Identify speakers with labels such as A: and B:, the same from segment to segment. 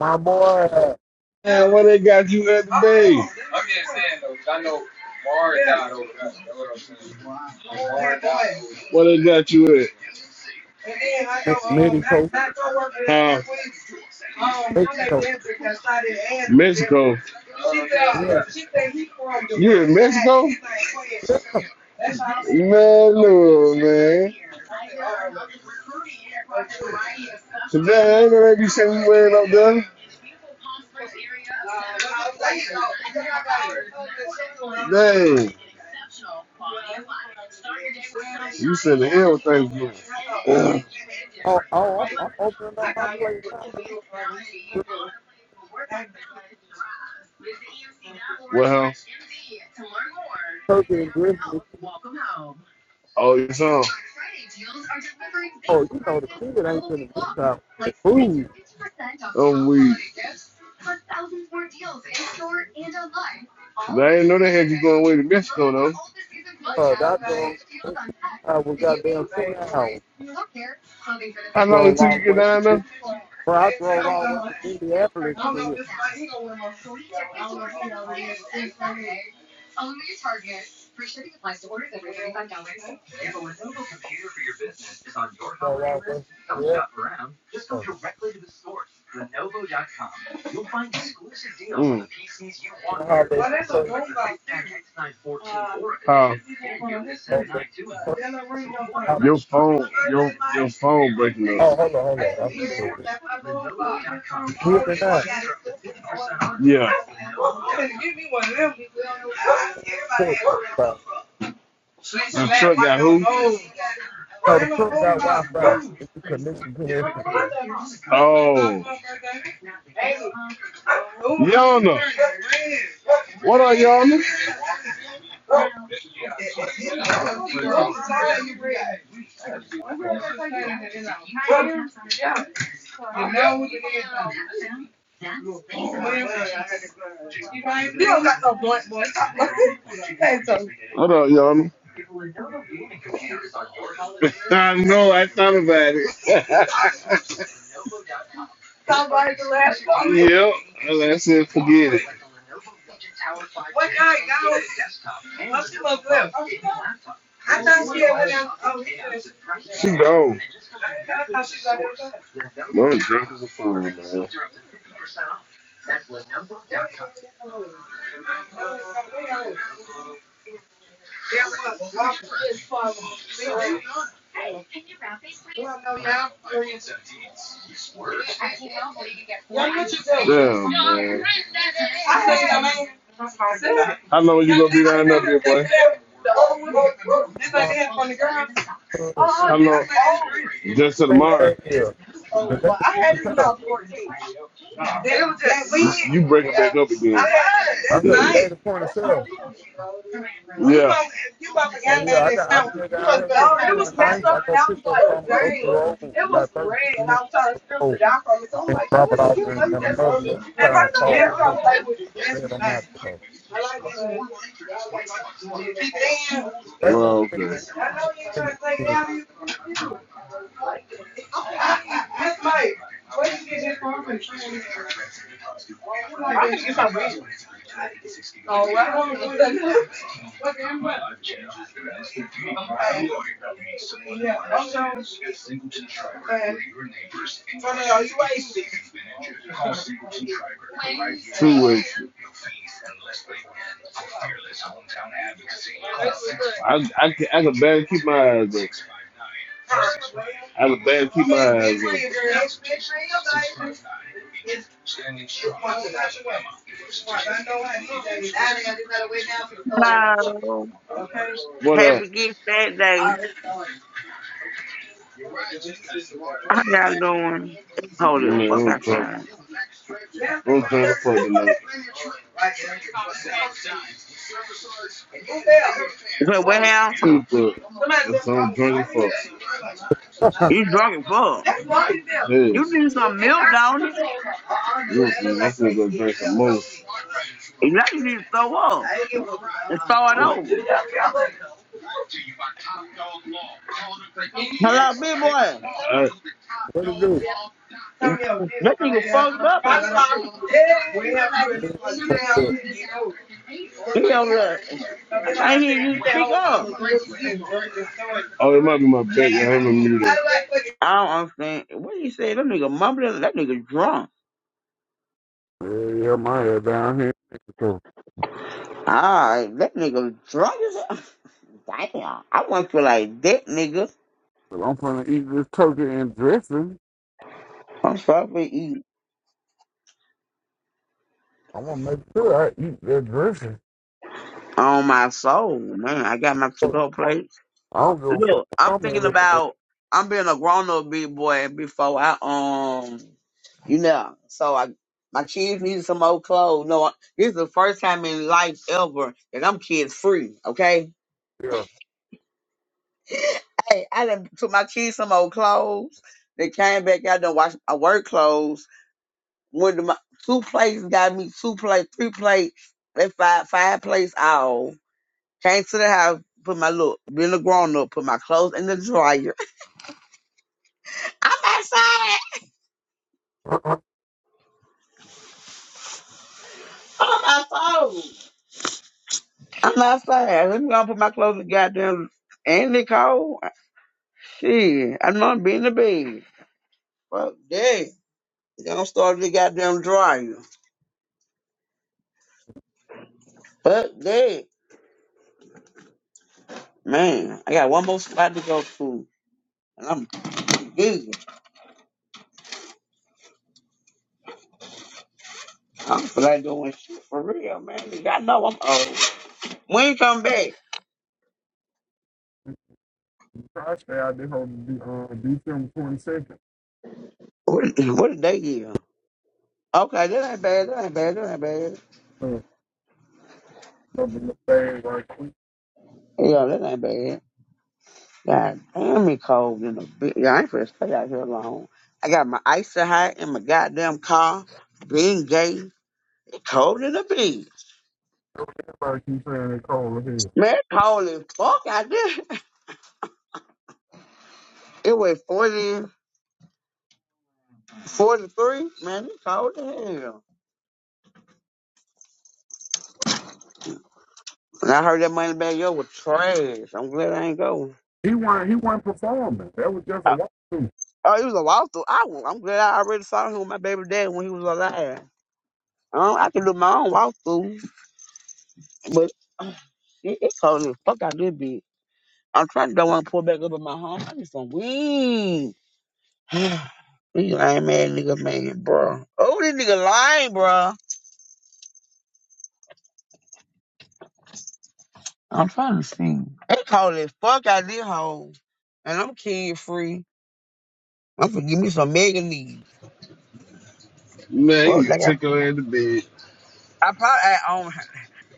A: My boy, uh,
B: Man, where they got you at today? Where they got you at?
A: Mr. Mitty Coach,
B: Huh? Mexico.
A: Yeah,
B: She think he from the You in West Mexico? Side.
A: yeah.
B: He's like, "Well, yeah, she's from here." That's how I said, Man, no, man. Today ain't gonna be saying you ain't up there. Dang. You said the everything good.
A: Oh, oh, I'm opening up my plate now.
B: Well,
A: Turkey and drizzling.
B: oh, you saw.
A: Oh, you know the kid ain't gonna be out. The food.
B: Oh, we. I didn't know they had you going away to Mexico though.
A: Uh, that girl, I was goddamn 20 hours. I
B: How long it
A: drove
B: took
A: all
B: you
A: the
B: to get
A: way from, Ind-
B: down
A: bro, I drove all the way from Indianapolis to here.
B: there?
A: Drove all the way from the airport. I hollered at the oh,
B: phone, your your phone breaking up.
A: oh, hold on, hold on. I forget it. hear me now?
B: Yeah,
A: Truck Wi-Fi.
B: the truck got who?
A: No, the truck got Wi-Fi. It's a connection to the extra
B: Oh, Yana, what up, Yana? Hold up, y'all. I know. I thought about it. Somebody the Yep. And I said, gone. Mom drunk as a fool, Damn, man. How long you gonna be down up here, boy?
A: phone. same
B: How long? Just till tomorrow.
A: day here. The day is
B: I
A: to
B: had
A: the
B: this when I
A: sale.
B: was 14. You break it back up again.
A: I
B: That's
A: just made
B: nice.
A: the point of sale.
B: Yeah. You about to
A: Oh
B: get
A: yeah, I got I stay down
B: that
A: here to the point of ninth. I go pick up some up the road by thirty-six minutes to the road and
B: Oh
A: drop it
B: it's
A: off
B: cute.
A: in, another little
B: At
A: town
B: first
A: called
B: I
A: the
B: was like, that's
A: bed on my
B: nice.
A: show.
B: I like that. Keep paying.
A: They lost
B: Well, okay. I know
A: it
B: you are trying to take it
A: the weekend.
B: out of you. That's like, where you get this from? Oh, I don't want to do that. So, man, funny, are you wasted? Two weeks. I, I, can- I can barely keep my eyes open. I can barely keep my eyes open.
C: Hello.
B: Okay? What up?
C: Happy gift that day. How y'all doing?
B: Yeah, I'm
C: Holy fuck
B: trying,
C: outside.
B: I'm trying to fuck tonight.
C: So well,
B: Two bro. That's I'm drinking for.
C: you drunk as fuck.
B: Hey,
C: You need some milk, don't you?
B: listen, I'm gonna go drink some more.
C: And Now you need to throw up and start
B: Alright.
C: over. Hello, big boy.
A: What to do?
C: That nigga fucked up.
A: What do?
C: he over there. I can't hear you speak up.
B: Oh, it might be my bed. I haven't muted
C: I don't understand. What you say? That nigga mumbling. That nigga drunk.
A: Yeah, yeah, my head down here. So
C: Alright, that nigga drunk as hell. Damn. I want to feel like that nigga.
A: I'm gonna eat this turkey and dressing.
C: I'm sorry for eating.
A: i want to make sure I eat that dressing.
C: On my soul, man. I got my to
A: I
C: go plate.
A: don't give a fuck.
C: Look, I'm
A: I'm at
C: thinking
A: it.
C: about I'm being a grown up big boy before I um you know. So I my kids need some old clothes. No, this is the first time in life ever that I'm kids free, okay?
A: Yeah.
C: Hey, I done took my kids some old clothes. They came back out and washed my work clothes. Went to my two plates, got me two plate, three plate, they five five plates all. Came to the house, put my look, being a grown up, put my clothes in the dryer. I'm outside. Oh my soul. I'm outside. I'm outside. Let me go and put my clothes in the goddamn and it cold. Shit, I'm not being the bed. Fuck that. They gonna start the goddamn dryer. Fuck that. Man, I got one more spot to go to. And I'm pretty busy. I don't feel like doing shit for real, man. I know I'm old. When you come back?
A: Actually, I did hope to December twenty second.
C: What, what did they give? Okay, that ain't bad. That ain't bad. That ain't bad.
A: The thing like
C: Yeah, that ain't bad. God damn, me cold in the bitch. Yo, I ain't finna stay out here long. I got my icy hot in my goddamn car. Being gay, it cold in the bitch.
A: everybody keeps saying they call him.
C: Man, it cold as fuck out there. It was 40, 43. Man, it's cold as hell. And I heard that money back yo was trash. I'm glad I ain't going.
A: He was he wasn't performing. That was just a
C: Uh,
A: walk through.
C: Oh, it was a walkthrough. I, wa- I'm glad I already saw him with my baby dad when he was alive. Um, I can do my own walkthrough, but it, it cold as fuck out there, bitch. I'm trying to don't want to pull back up in my home. I need some weed. These lame ass nigga man, bro. Oh, this nigga lying, bro. I'm trying to see. They call it fuck out this hole. And I'm kid free. I'm gonna give me some mega needs.
B: Man,
C: Well,
B: you can
C: like
B: take
C: I,
B: your hand to bed.
C: I probably I own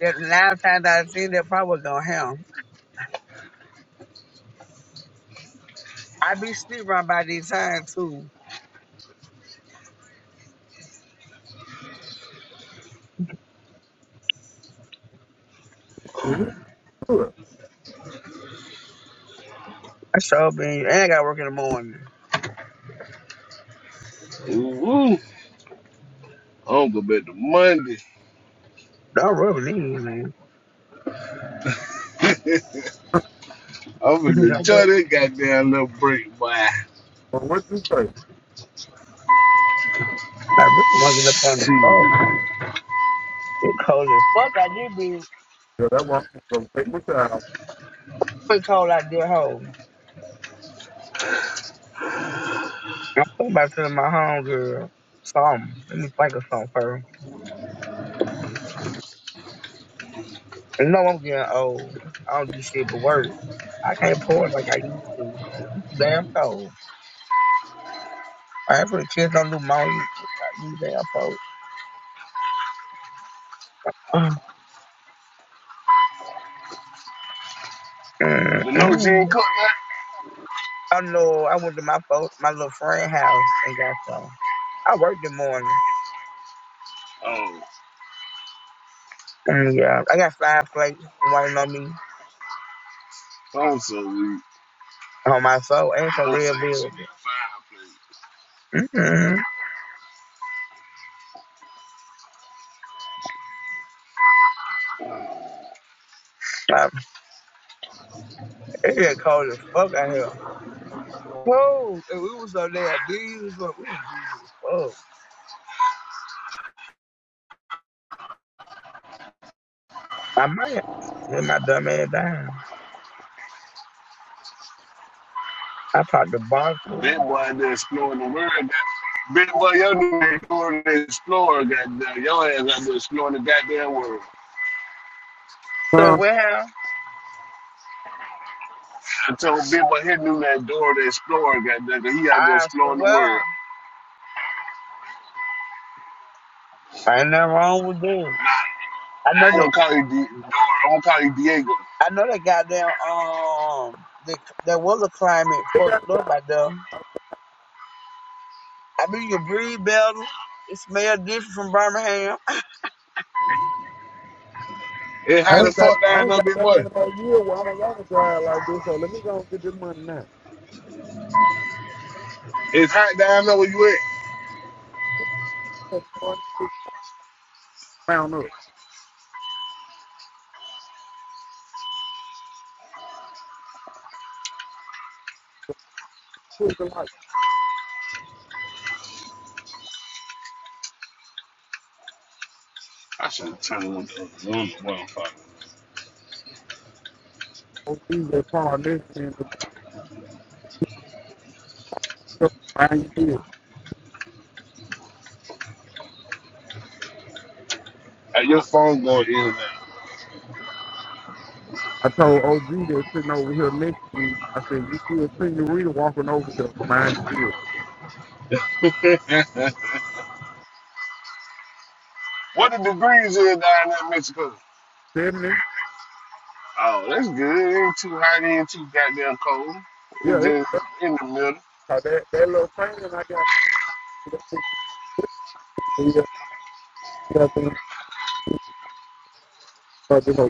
C: that nine times out of ten that probably was gonna happen. I be sleeping around by this time too.
A: It is good.
C: I sure been and I gotta work in the morning.
B: Ooh. I don't go back to Monday.
C: Don't rub it in, man.
B: I'm gonna
C: Don't rub
B: enjoy that goddamn little break, boy.
A: But what you say?
C: I really wasn't up on the
B: Shit.
C: club. It cold as fuck out this bitch.
A: Yeah, that was gonna take my time.
C: Quick cold out there home. I'm thinking about telling my homegirl something. Let me think of something first. You know I'm getting old. I don't do shit but work. I can't pour like I used to. I'm too damn cold. I ain't for the kids don't do my you. You damn cold. Mm, mm,
B: The no she
C: mm.
B: ain't cook that?
C: I know. I went to my fo- my little friend house and got some. I worked the morning.
B: Oh,
C: Mm, yeah, I got five plates waiting on me
B: phone so weak.
C: on my soul and some
B: The no
C: red
B: saying she
C: velvet.
B: need
C: Mm-hmm. It get cold as fuck out here. cold, and we was up there busy, but we was busy as fuck. I might have let my dumb ass down. I popped the bottle
B: fireplace.
C: too.
B: That boy out there exploring the world. That big boy, your dude ain't exploring the explorer, goddamn. Your ass out there exploring the goddamn world.
C: Say,
A: Um,
C: well,
B: I told big boy his new that door the explorer, goddamn, 'cause he out there
C: I
B: exploring the
C: swear,
B: world.
C: ain't nothing wrong with them. I know
B: I
C: that.
B: ain't gonna call you D- door. I'm gonna call you Diego.
C: I know that goddamn um, the, that weather climate fucked up out there. I mean, you breathe better. It smell different from Birmingham.
B: It's
A: I
B: hot
A: ain't
B: as fuck
A: got I
B: down
A: ain't
B: there,
A: got
B: big
A: that
B: boy.
A: many more years where I don't ever drive like this, so let me go and get this money now.
B: It's hot down there where you at.
A: Round up. Put the light
B: I should have turned one of the rooms well.
A: on DJ Paul this and the stuff I did.
B: Hey, your phone going in and out.
A: I told OG that's sitting over here next to me, I said, you see a senorita walking over here. Mind you see it.
B: what the degrees is down there in Mexico?
A: Feminine?
B: Oh, that's good. It ain't too hot, it ain't too goddamn cold. It's
A: Yeah, it's
B: just
A: that's,
B: in the middle.
A: uh, that, that little thing I got. Yeah, yeah, I think, uh, you know,